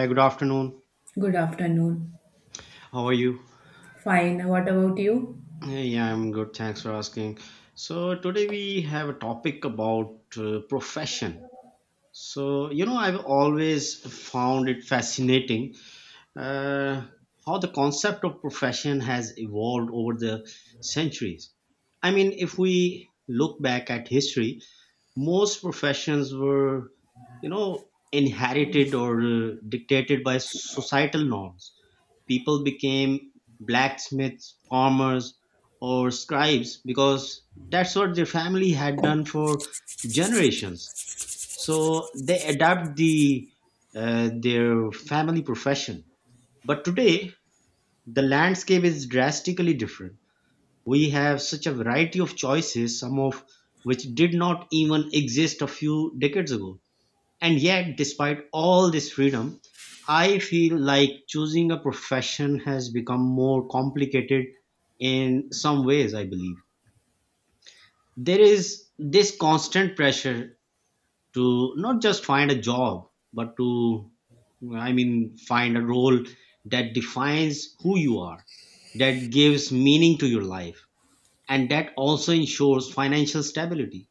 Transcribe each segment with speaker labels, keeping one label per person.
Speaker 1: Hi, good afternoon.
Speaker 2: Good afternoon.
Speaker 1: How are you?
Speaker 2: Fine. What about you?
Speaker 1: Yeah, I'm good. Thanks for asking. So, today we have a topic about profession. So, you know, I've always found it fascinating uh, how the concept of profession has evolved over the centuries. I mean, if we look back at history, most professions were, you know, inherited or dictated by societal norms. People became blacksmiths, farmers, or scribes because that's what their family had done for generations. So they adapt their family profession. But today, the landscape is drastically different. We have such a variety of choices, some of which did not even exist a few decades ago. And yet, despite all this freedom, I feel like choosing a profession has become more complicated in some ways, I believe. There is this constant pressure to not just find a job, but to, I mean, find a role that defines who you are, that gives meaning to your life, and that also ensures financial stability.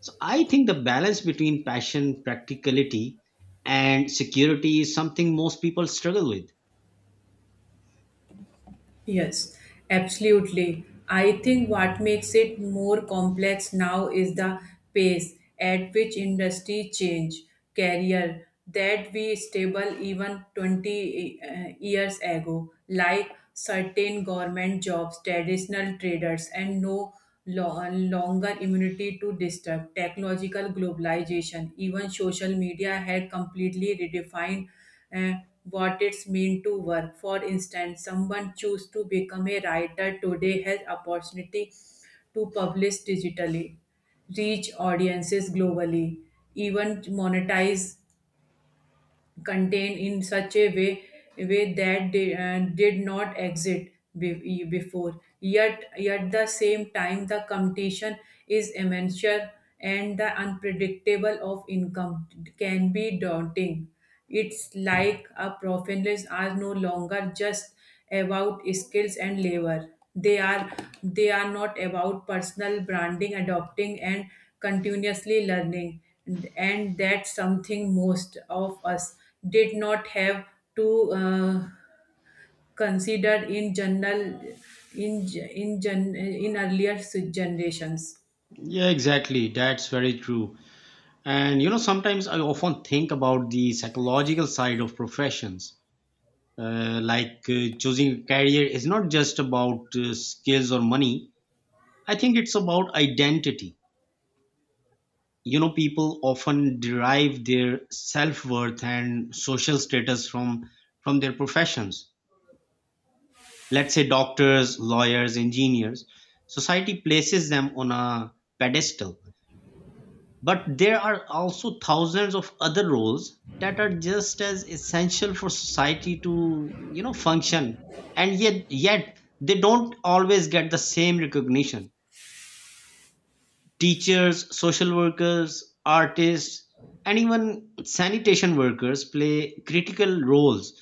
Speaker 1: So I think the balance between passion, practicality, and security is something most people struggle with.
Speaker 2: Yes, absolutely. I think what makes it more complex now is the pace at which industry change career that we stable even 20 years ago, like certain government jobs, traditional traders, and no longer immunity to disturb. Technological globalization, even social media had completely redefined uh, what it's mean to work. For instance, someone choose to become a writer today has opportunity to publish digitally, reach audiences globally, even monetize contained in such a way that they did not exist before, yet at the same time the competition is immense and the unpredictable of income can be daunting. It's like a professionals are no longer just about skills and labor. They are not about personal branding, adopting and continuously learning. And that's something most of us did not have to consider in general in in earlier generations.
Speaker 1: Yeah, exactly. That's very true. And you know, sometimes I often think about the psychological side of professions. Like choosing a career is not just about skills or money, I think it's about identity. You know, people often derive their self worth and social status from their professions. Let's say doctors, lawyers, engineers, society places them on a pedestal. But there are also thousands of other roles that are just as essential for society to, you know, function. And yet they don't always get the same recognition. Teachers, social workers, artists, and even sanitation workers play critical roles.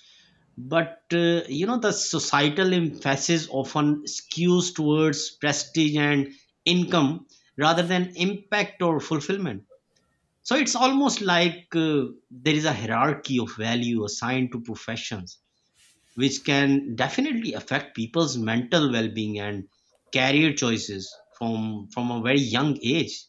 Speaker 1: But you know, the societal emphasis often skews towards prestige and income rather than impact or fulfillment. So it's almost like there is a hierarchy of value assigned to professions, which can definitely affect people's mental well being and career choices from a very young age.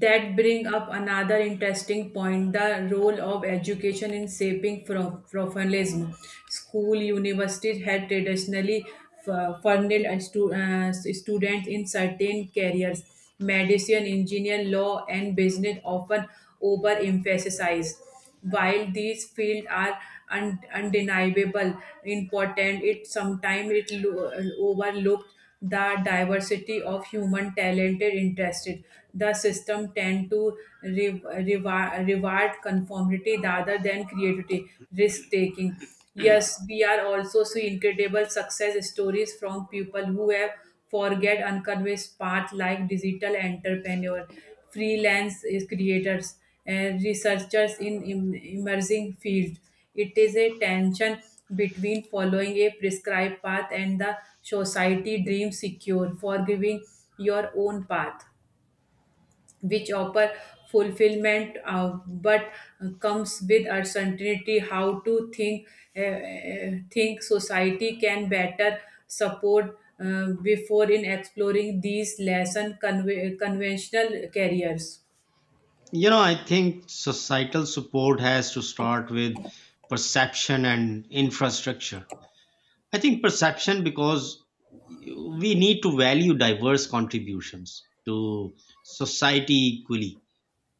Speaker 2: That bring up another interesting point, the role of education in shaping professionalism. School universities had traditionally funneled a students in certain careers. Medicine, engineer, law and business often overemphasized. While these fields are undeniable important, it sometimes it overlooked the diversity of human talented interested. The system tend to re- reward conformity rather than creativity, risk taking. Yes, we are also see incredible success stories from people who have forget unconvinced path like digital entrepreneur, freelance is creators, and researchers in emerging fields. It is a tension between following a prescribed path and the society dream secure, forgiving your own path, which offer fulfillment, but comes with uncertainty. How to think, think society can better support before in exploring these lesson conventional careers.
Speaker 1: You know, I think societal support has to start with perception and infrastructure. I think perception because we need to value diverse contributions to society equally,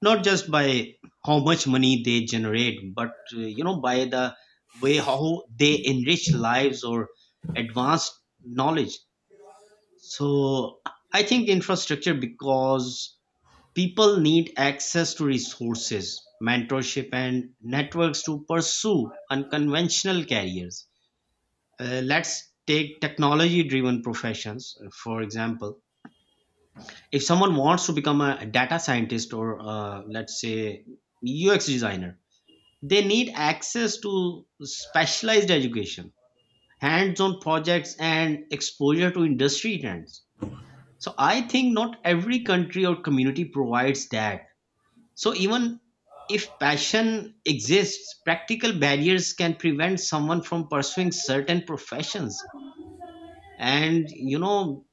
Speaker 1: not just by how much money they generate, but you know by the way how they enrich lives or advance knowledge. So I think infrastructure because people need access to resources, mentorship, and networks to pursue unconventional careers. Let's take technology driven professions, for example. If someone wants to become a data scientist or let's say ux designer, they need access to specialized education, hands on projects, and exposure to industry trends. So I think not every country or community provides that. So even if passion exists, practical barriers can prevent someone from pursuing certain professions. And you know,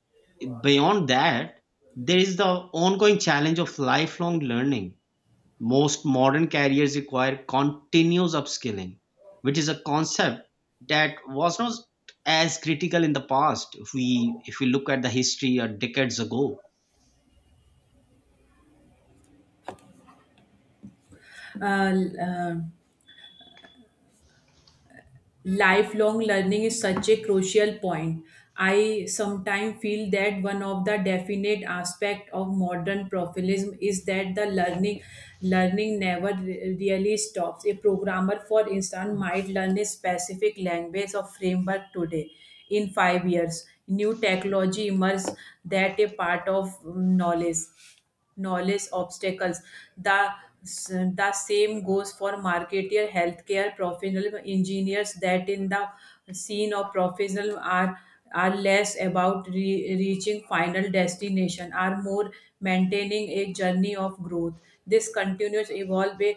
Speaker 1: beyond that, there is the ongoing challenge of lifelong learning. Most modern careers require continuous upskilling, which is a concept that was not as critical in the past, if we look at the history or decades ago.
Speaker 2: Uh, uh, lifelong learning is such a crucial point. I sometimes feel that one of the definite aspect of modern professionalism is that the learning never really stops. A programmer, for instance, might learn a specific language or framework today. In 5 years new technology emerges that a part of knowledge obstacles. The, the same goes for marketer, healthcare professional, engineers, that in the scene of professional are less about reaching final destination, are more maintaining a journey of growth. This continuous evolve a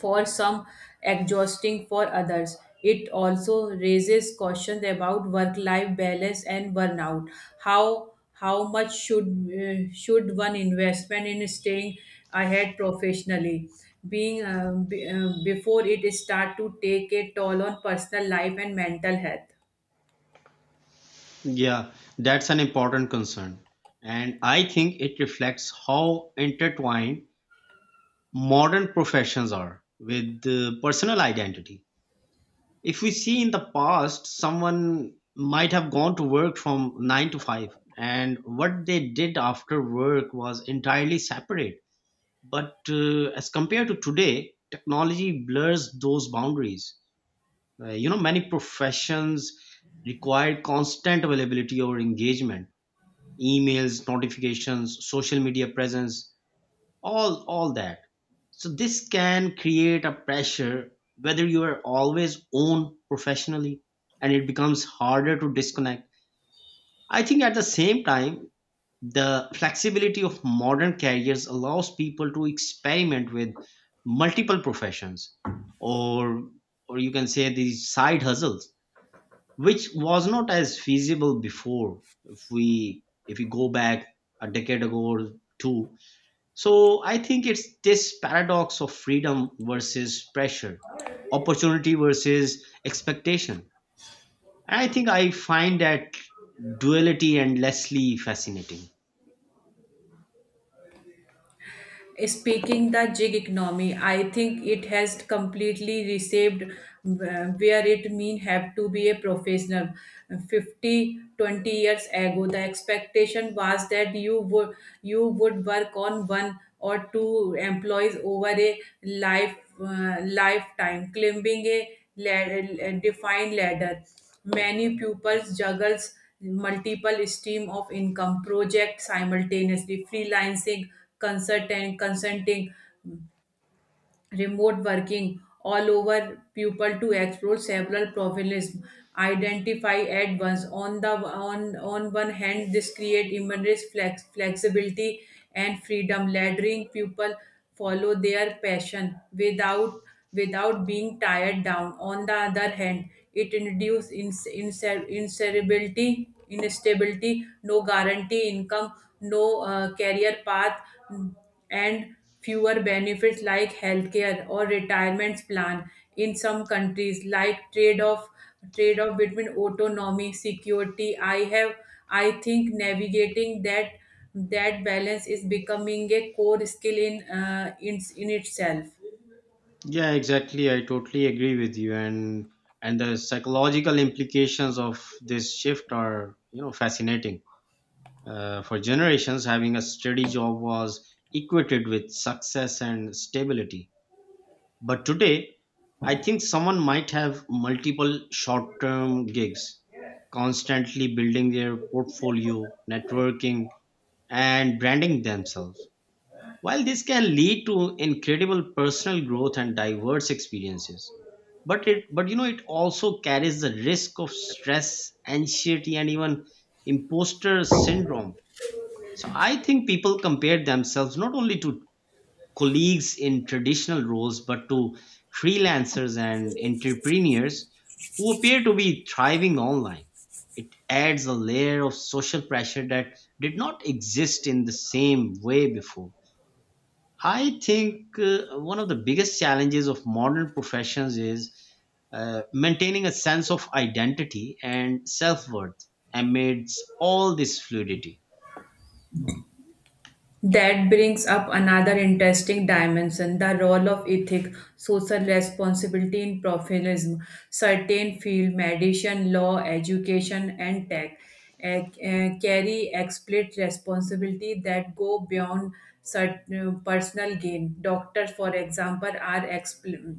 Speaker 2: for some, exhausting for others. It also raises questions about work-life balance and burnout. How much should one investment in staying ahead professionally? Being before it start to take a toll on personal life and mental health.
Speaker 1: Yeah, that's an important concern. And I think it reflects how intertwined modern professions are with the personal identity. If we see in the past, someone might have gone to work from 9 to 5, and what they did after work was entirely separate. But as compared to today, technology blurs those boundaries. You know, many professions require constant availability or engagement, emails, notifications, social media presence, all that. So this can create a pressure whether you are always on professionally, and it becomes harder to disconnect. I think at the same time, the flexibility of modern careers allows people to experiment with multiple professions, or or you can say these side hustles, which was not as feasible before, if we go back a decade ago or two. So I think it's this paradox of freedom versus pressure, opportunity versus expectation. And I think I find that duality endlessly fascinating.
Speaker 2: Speaking the gig economy, I think it has completely reshaped where it mean have to be a professional. 50, 20 years ago, the expectation was that you would work on one or two employees over a lifetime, climbing a ladder, a defined ladder. Many pupils juggles multiple stream of income project simultaneously, freelancing, consultant consulting, remote working, all over people to explore several profiles identify at once. On the on one hand, this create immense flexibility and freedom, letting people follow their passion without being tied down. On the other hand, it induces inserability instability, no guarantee income, no career path, and fewer benefits like healthcare or retirement plan in some countries. Like trade off between autonomy security. I have I think navigating that balance is becoming a core skill in in itself.
Speaker 1: Yeah, exactly. I totally agree with you, and the psychological implications of this shift are, you know, fascinating. For generations, having a steady job was equated with success and stability. But today, I think someone might have multiple short term gigs, constantly building their portfolio, networking, and branding themselves. While this can lead to incredible personal growth and diverse experiences, but it but you know it also carries the risk of stress, anxiety, and even imposter syndrome. So I think people compare themselves not only to colleagues in traditional roles but to freelancers and entrepreneurs who appear to be thriving online. It adds a layer of social pressure that did not exist in the same way before. I think one of the biggest challenges of modern professions is maintaining a sense of identity and self worth amidst all this fluidity.
Speaker 2: That brings up another interesting dimension, the role of ethic, social responsibility in professionalism. Certain fields, medicine, law, education, and tech, carry explicit responsibility that go beyond certain personal gain. Doctors, for example, are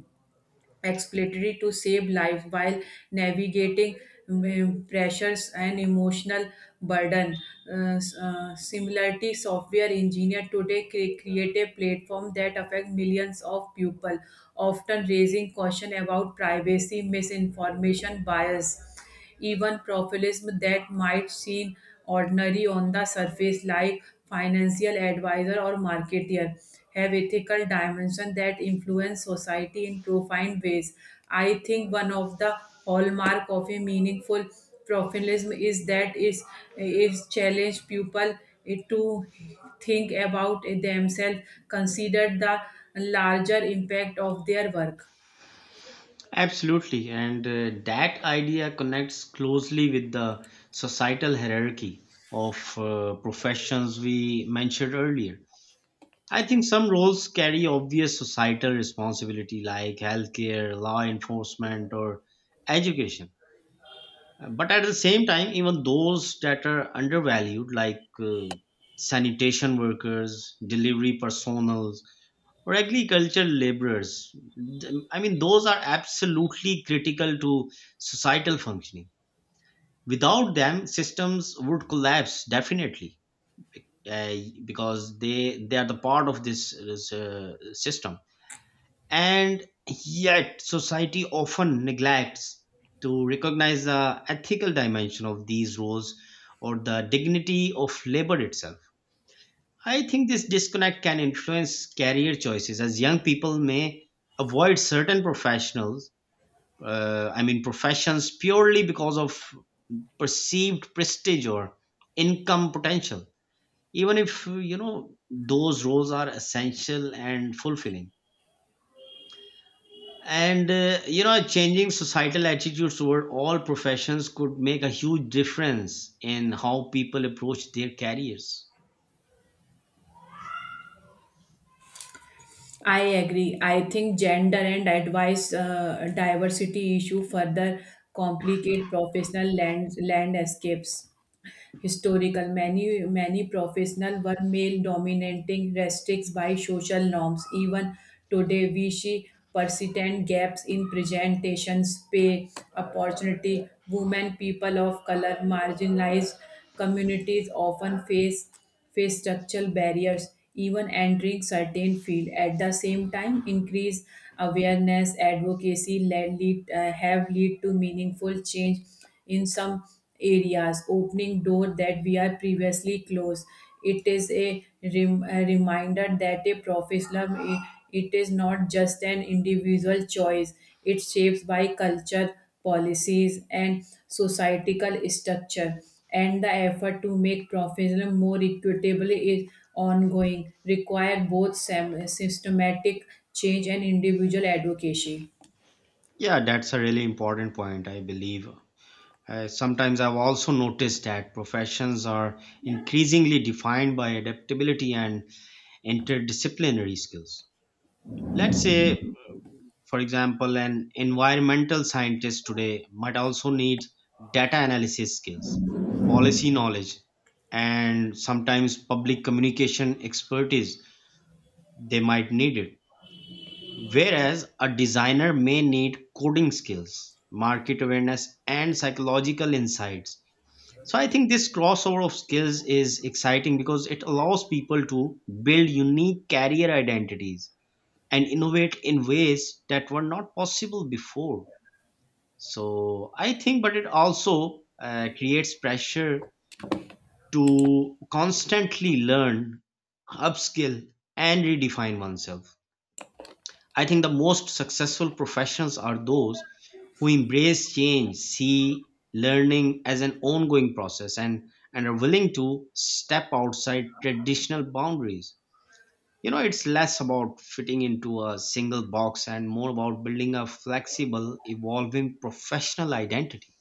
Speaker 2: explanatory to save life while navigating pressures and emotional burden. Similarly, software engineer today create a platform that affect millions of people, often raising caution about privacy, misinformation, bias. Even professionalism that might seem ordinary on the surface, like financial advisor or marketer, have ethical dimension that influence society in profound ways. I think one of the hallmark of a meaningful professionalism is that it is challenge people to think about themselves, consider the larger impact of their work.
Speaker 1: Absolutely, and that idea connects closely with the societal hierarchy of professions we mentioned earlier. I think some roles carry obvious societal responsibility, like healthcare, law enforcement, or education. But at the same time, even those that are undervalued, like sanitation workers, delivery personnel, or agricultural laborers. I mean, those are absolutely critical to societal functioning. Without them, systems would collapse definitely, uh, because they are the part of this, this system. And yet, society often neglects to recognize the ethical dimension of these roles or the dignity of labor itself. I think this disconnect can influence career choices as young people may avoid certain professionals, I mean, professions purely because of perceived prestige or income potential, even if, you know, those roles are essential and fulfilling. And, you know, changing societal attitudes toward all professions could make a huge difference in how people approach their careers.
Speaker 2: I agree. I think gender and advice, diversity issue further complicate professional land landscapes. Historical, many professional were male dominating, restricts by social norms. Even today, we see persistent gaps in presentations, pay, opportunity. Women, people of color, marginalized communities often face structural barriers, even entering certain field. At the same time, increased awareness, advocacy have lead to meaningful change in some areas, opening door that we are previously closed. It is a, a reminder that a professionalism it is not just an individual choice. It shapes by culture, policies, and societal structure, and the effort to make professionalism more equitable is ongoing, require both systematic change and individual advocacy.
Speaker 1: Yeah, that's a really important point, I believe. Sometimes I've also noticed that professions are increasingly defined by adaptability and interdisciplinary skills. Let's say, for example, an environmental scientist today might also need data analysis skills, policy knowledge, and sometimes public communication expertise. They might need it. Whereas a designer may need coding skills, market awareness, and psychological insights. So I think this crossover of skills is exciting because it allows people to build unique career identities and innovate in ways that were not possible before. So I think, but it also creates pressure to constantly learn, upskill, and redefine oneself. I think the most successful professions are those who embrace change, see learning as an ongoing process, and are willing to step outside traditional boundaries. You know, it's less about fitting into a single box and more about building a flexible, evolving professional identity.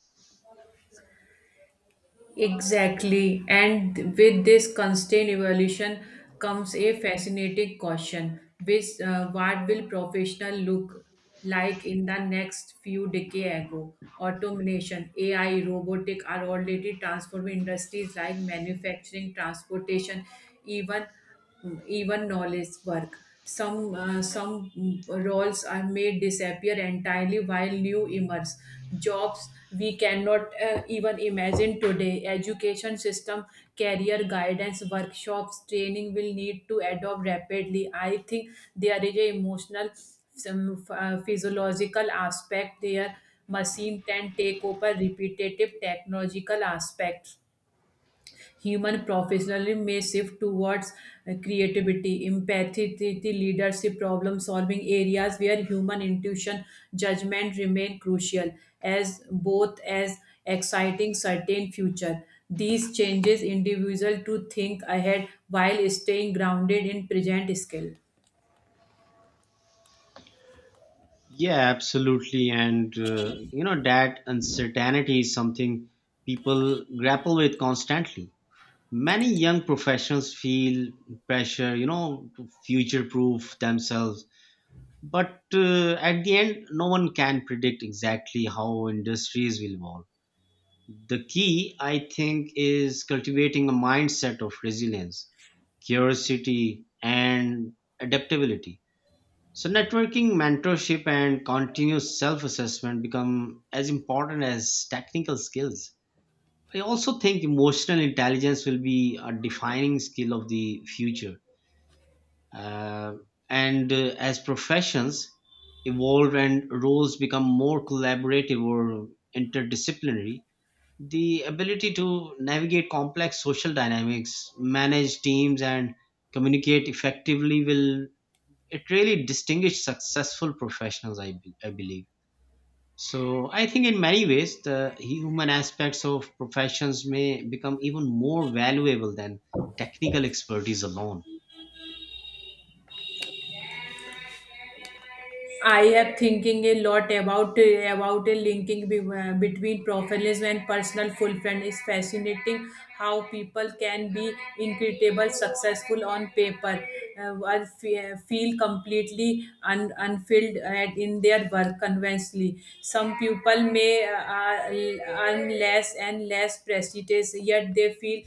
Speaker 2: Exactly, and with this constant evolution comes a fascinating question: which what will professional look like in the next few decades ago? Automation, AI, robotic are already transforming industries like manufacturing, transportation, even even knowledge work. Some roles are made disappear entirely while new emerge. Jobs we cannot even imagine today. Education system, career guidance, workshops, training will need to adopt rapidly. I think there is a emotional, some physiological aspect there. Machine can take over repetitive technological aspects. Human professionalism may shift towards creativity, empathy, the leadership, problem solving, areas where human intuition, judgment remain crucial. As exciting certain future. These changes individual to think ahead while staying grounded in present skill.
Speaker 1: Yeah, absolutely. And, you know, that uncertainty is something people grapple with constantly. Many young professionals feel pressure, you know, to future proof themselves. But at the end, no one can predict exactly how industries will evolve. The key, I think, is cultivating a mindset of resilience, curiosity, and adaptability. So networking, mentorship, and continuous self assessment become as important as technical skills. I also think emotional intelligence will be a defining skill of the future. Uh, and as professions evolve and roles become more collaborative or interdisciplinary, the ability to navigate complex social dynamics, manage teams, and communicate effectively will it really distinguish successful professionals, I believe. So I think in many ways, the human aspects of professions may become even more valuable than technical expertise alone.
Speaker 2: I am thinking a lot about a linking between professionalism and personal fulfillment. It's fascinating how people can be incredible successful on paper, while feel completely unfilled in their work conventionally. Some people may earn less and less prestigious, yet they feel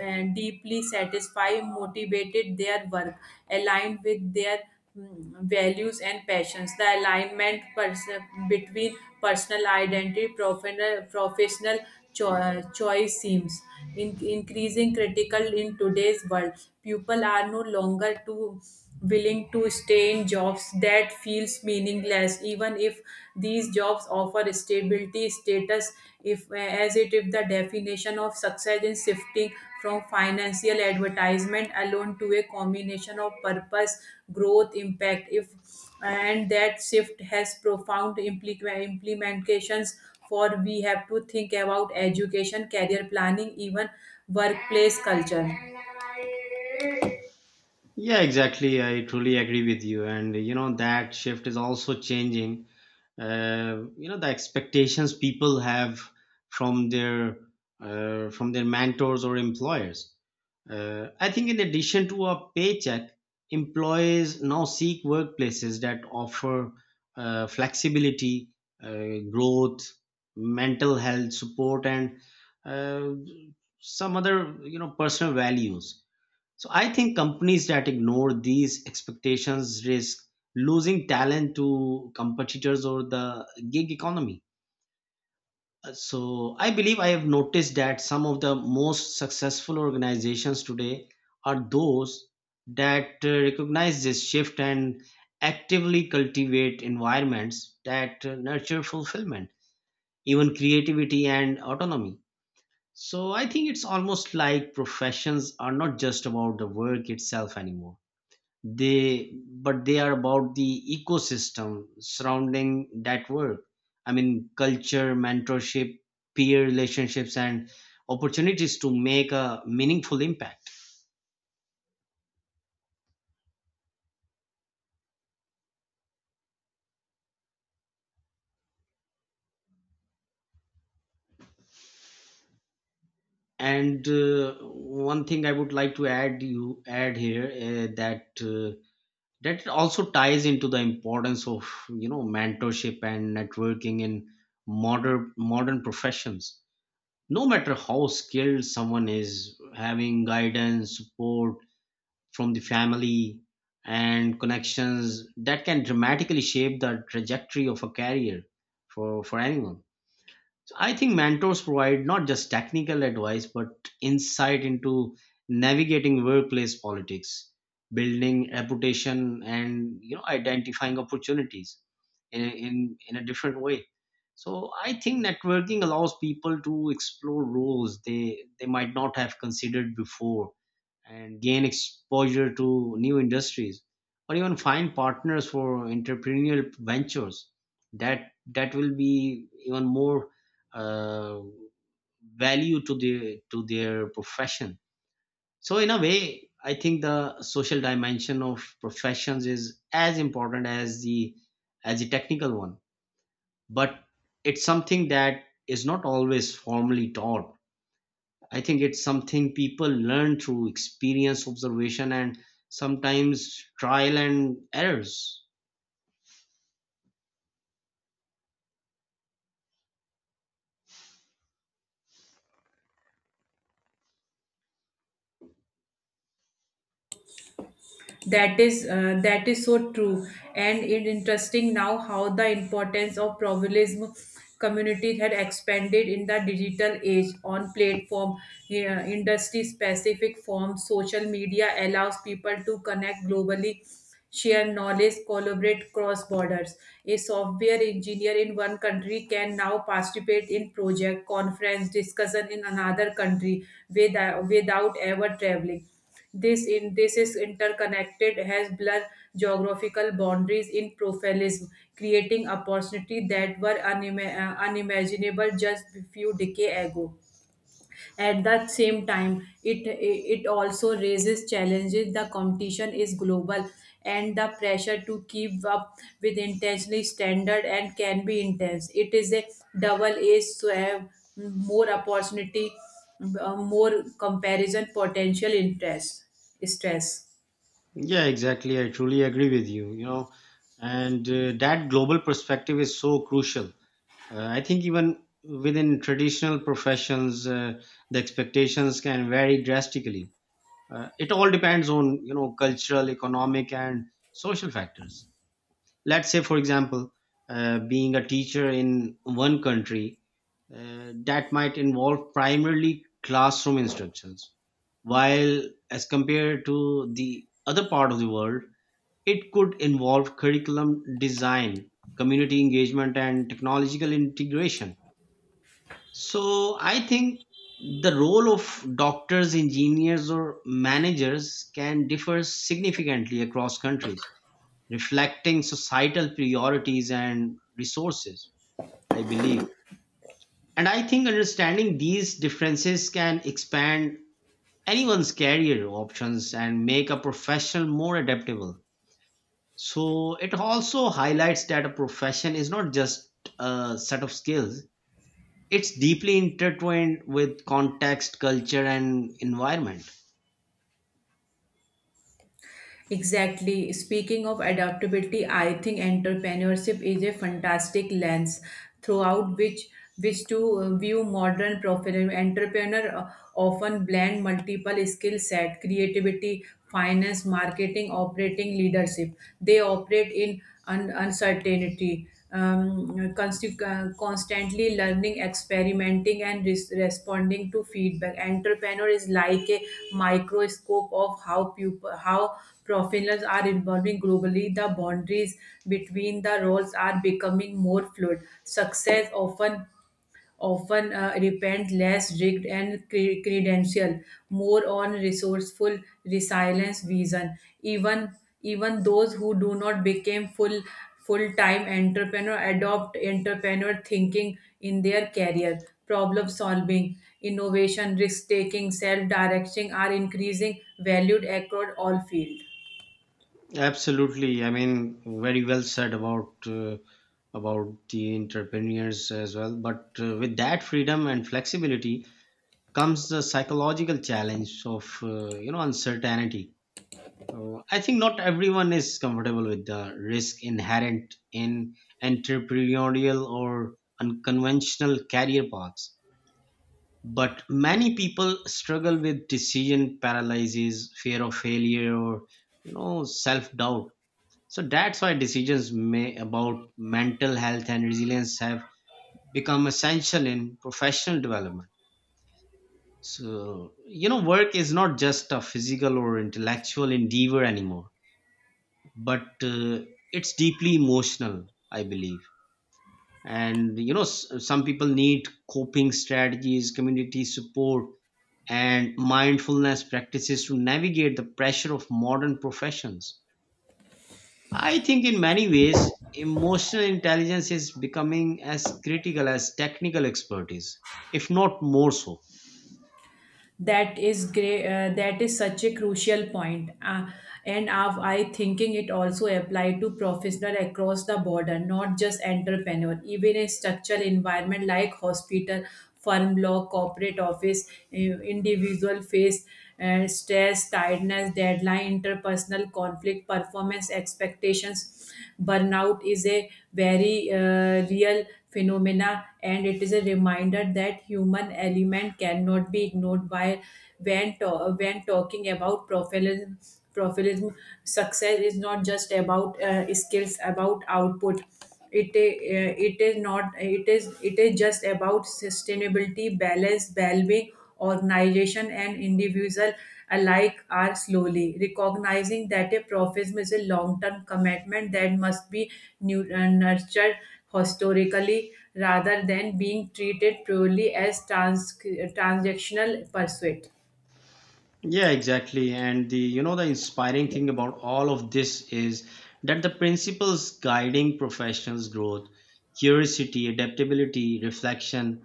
Speaker 2: and deeply satisfied, motivated their work, aligned with their values and passions. The between personal identity, professional choice seems increasing critical in today's world. People are no longer too willing to stay in jobs that feels meaningless, even if these jobs offer stability status. If as it, if the definition of success is shifting from financial advertisement alone to a combination of purpose, growth, impact. If and that shift has profound implications for we have to think about education, career planning, even workplace culture.
Speaker 1: Yeah, exactly. I truly agree with you. And, you know, that shift is also changing. You know, the expectations people have from their from their mentors or employers. I think in addition to a paycheck, employees now seek workplaces that offer flexibility, growth, mental health support, and uh, some other, you know, personal values. So I think companies that ignore these expectations risk losing talent to competitors or the gig economy. So I believe I have noticed that some of the most successful organizations today are those that recognize this shift and actively cultivate environments that nurture fulfillment, even creativity and autonomy. So I think it's almost like professions are not just about the work itself anymore. They but they are about the ecosystem surrounding that work, I mean culture, mentorship, peer relationships, and opportunities to make a meaningful impact. And one thing I would like to add you add here, that also ties into the importance of, you know, mentorship and networking in modern professions. No matter how skilled someone is, having guidance support from the family and connections that can dramatically shape the trajectory of a career for anyone. So I think mentors provide not just technical advice but insight into navigating workplace politics, building reputation, and, you know, identifying opportunities in a different way. So I think networking allows people to explore roles they might not have considered before and gain exposure to new industries or even find partners for entrepreneurial ventures that will be even more uh, value to their profession. So in a way I think the social dimension of professions is as important as the technical one. But it's something that is not always formally taught. I think it's something people learn through experience, observation, and sometimes trial and errors.
Speaker 2: That is that is so true, and it interesting now how the importance of pluralism community had expanded in the digital age on platform, yeah, industry specific forms. Social media allows people to connect globally, share knowledge, collaborate cross borders. A software engineer in one country can now participate in project conference discussion in another country without ever traveling. This in this is interconnected has blurred geographical boundaries in profilism, creating opportunity that were unimaginable just a few decades ago. At that same time, it also raises challenges. The competition is global, and the pressure to keep up with intentionally standard and can be intense. It is a double-edged sword, more opportunity, more comparison, potential interest, stress.
Speaker 1: Yeah, exactly. I truly agree with you, you know. And that global perspective is so crucial. I think even within traditional professions, the expectations can vary drastically. It all depends on, you know, cultural, economic, and social factors. Let's say, for example, being a teacher in one country, that might involve primarily classroom instructions, while as compared to the other part of the world, it could involve curriculum design, community engagement, and technological integration. So I think the role of doctors, engineers, or managers can differ significantly across countries, reflecting societal priorities and resources, I believe. And I think understanding these differences can expand anyone's career options and make a profession more adaptable. So it also highlights that a profession is not just a set of skills. It's deeply intertwined with context, culture, and environment.
Speaker 2: Exactly. Speaking of adaptability, I think entrepreneurship is a fantastic lens throughout which to view modern professional entrepreneur. Often blend multiple skill set, creativity, finance, marketing, operating, leadership. They operate in uncertainty, constantly learning, experimenting, and responding to feedback. Entrepreneur is like a microscope of how people, how professionals are evolving globally. The boundaries between the roles are becoming more fluid. Success often repent less rigged and credential, more on resourceful, resilience, vision. Even those who do not become full-time entrepreneur adopt entrepreneur thinking in their career. Problem solving, innovation, risk taking, self-directing are increasing valued across all fields.
Speaker 1: Absolutely. I mean, very well said about the entrepreneurs as well. But with that freedom and flexibility comes the psychological challenge of uncertainty. I think not everyone is comfortable with the risk inherent in entrepreneurial or unconventional career paths. But many people struggle with decision paralysis, fear of failure, or self doubt. So that's why decisions may, about mental health and resilience have become essential in professional development. So, you know, work is not just a physical or intellectual endeavor anymore, but it's deeply emotional, I believe. And, you know, some people need coping strategies, community support, and mindfulness practices to navigate the pressure of modern professions. I think in many ways, emotional intelligence is becoming as critical as technical expertise, if not more so.
Speaker 2: That is great, that is such a crucial point, and I thinking it also apply to professional across the border, not just entrepreneur, even a structural environment like hospital, firm, law, corporate office. Individual face and stress, tiredness, deadline, interpersonal conflict, performance expectations. Burnout is a very real phenomena, and it is a reminder that human element cannot be ignored while when talking about profilism. Success is not just about skills, about output. It i- uh, it is not it is it is just about sustainability, balance, well-being. Organization and individual alike are slowly recognizing that a profession is a long-term commitment that must be nurtured historically, rather than being treated purely as transactional pursuit.
Speaker 1: Yeah, exactly. And the you know the inspiring thing about all of this is that the principles guiding professionals' growth, curiosity, adaptability, reflection,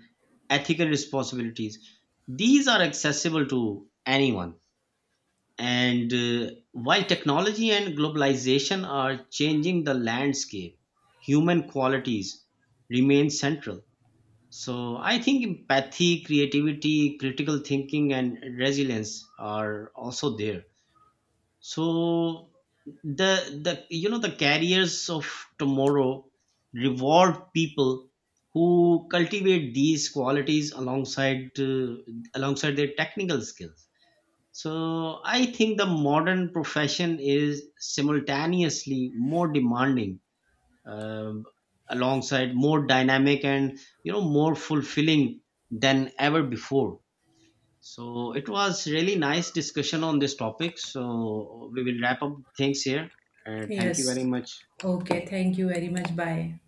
Speaker 1: ethical responsibilities, these are accessible to anyone. And while technology and globalization are changing the landscape, human qualities remain central. So I think empathy, creativity, critical thinking, and resilience are also there. So the you know the careers of tomorrow reward people who cultivate these qualities alongside their technical skills. So I think the modern profession is simultaneously more demanding, um, alongside more dynamic and more fulfilling than ever before. So it was really nice discussion on this topic. So we will wrap up things here. Thank
Speaker 2: Yes,
Speaker 1: you very much.
Speaker 2: okay, thank you very much, bye.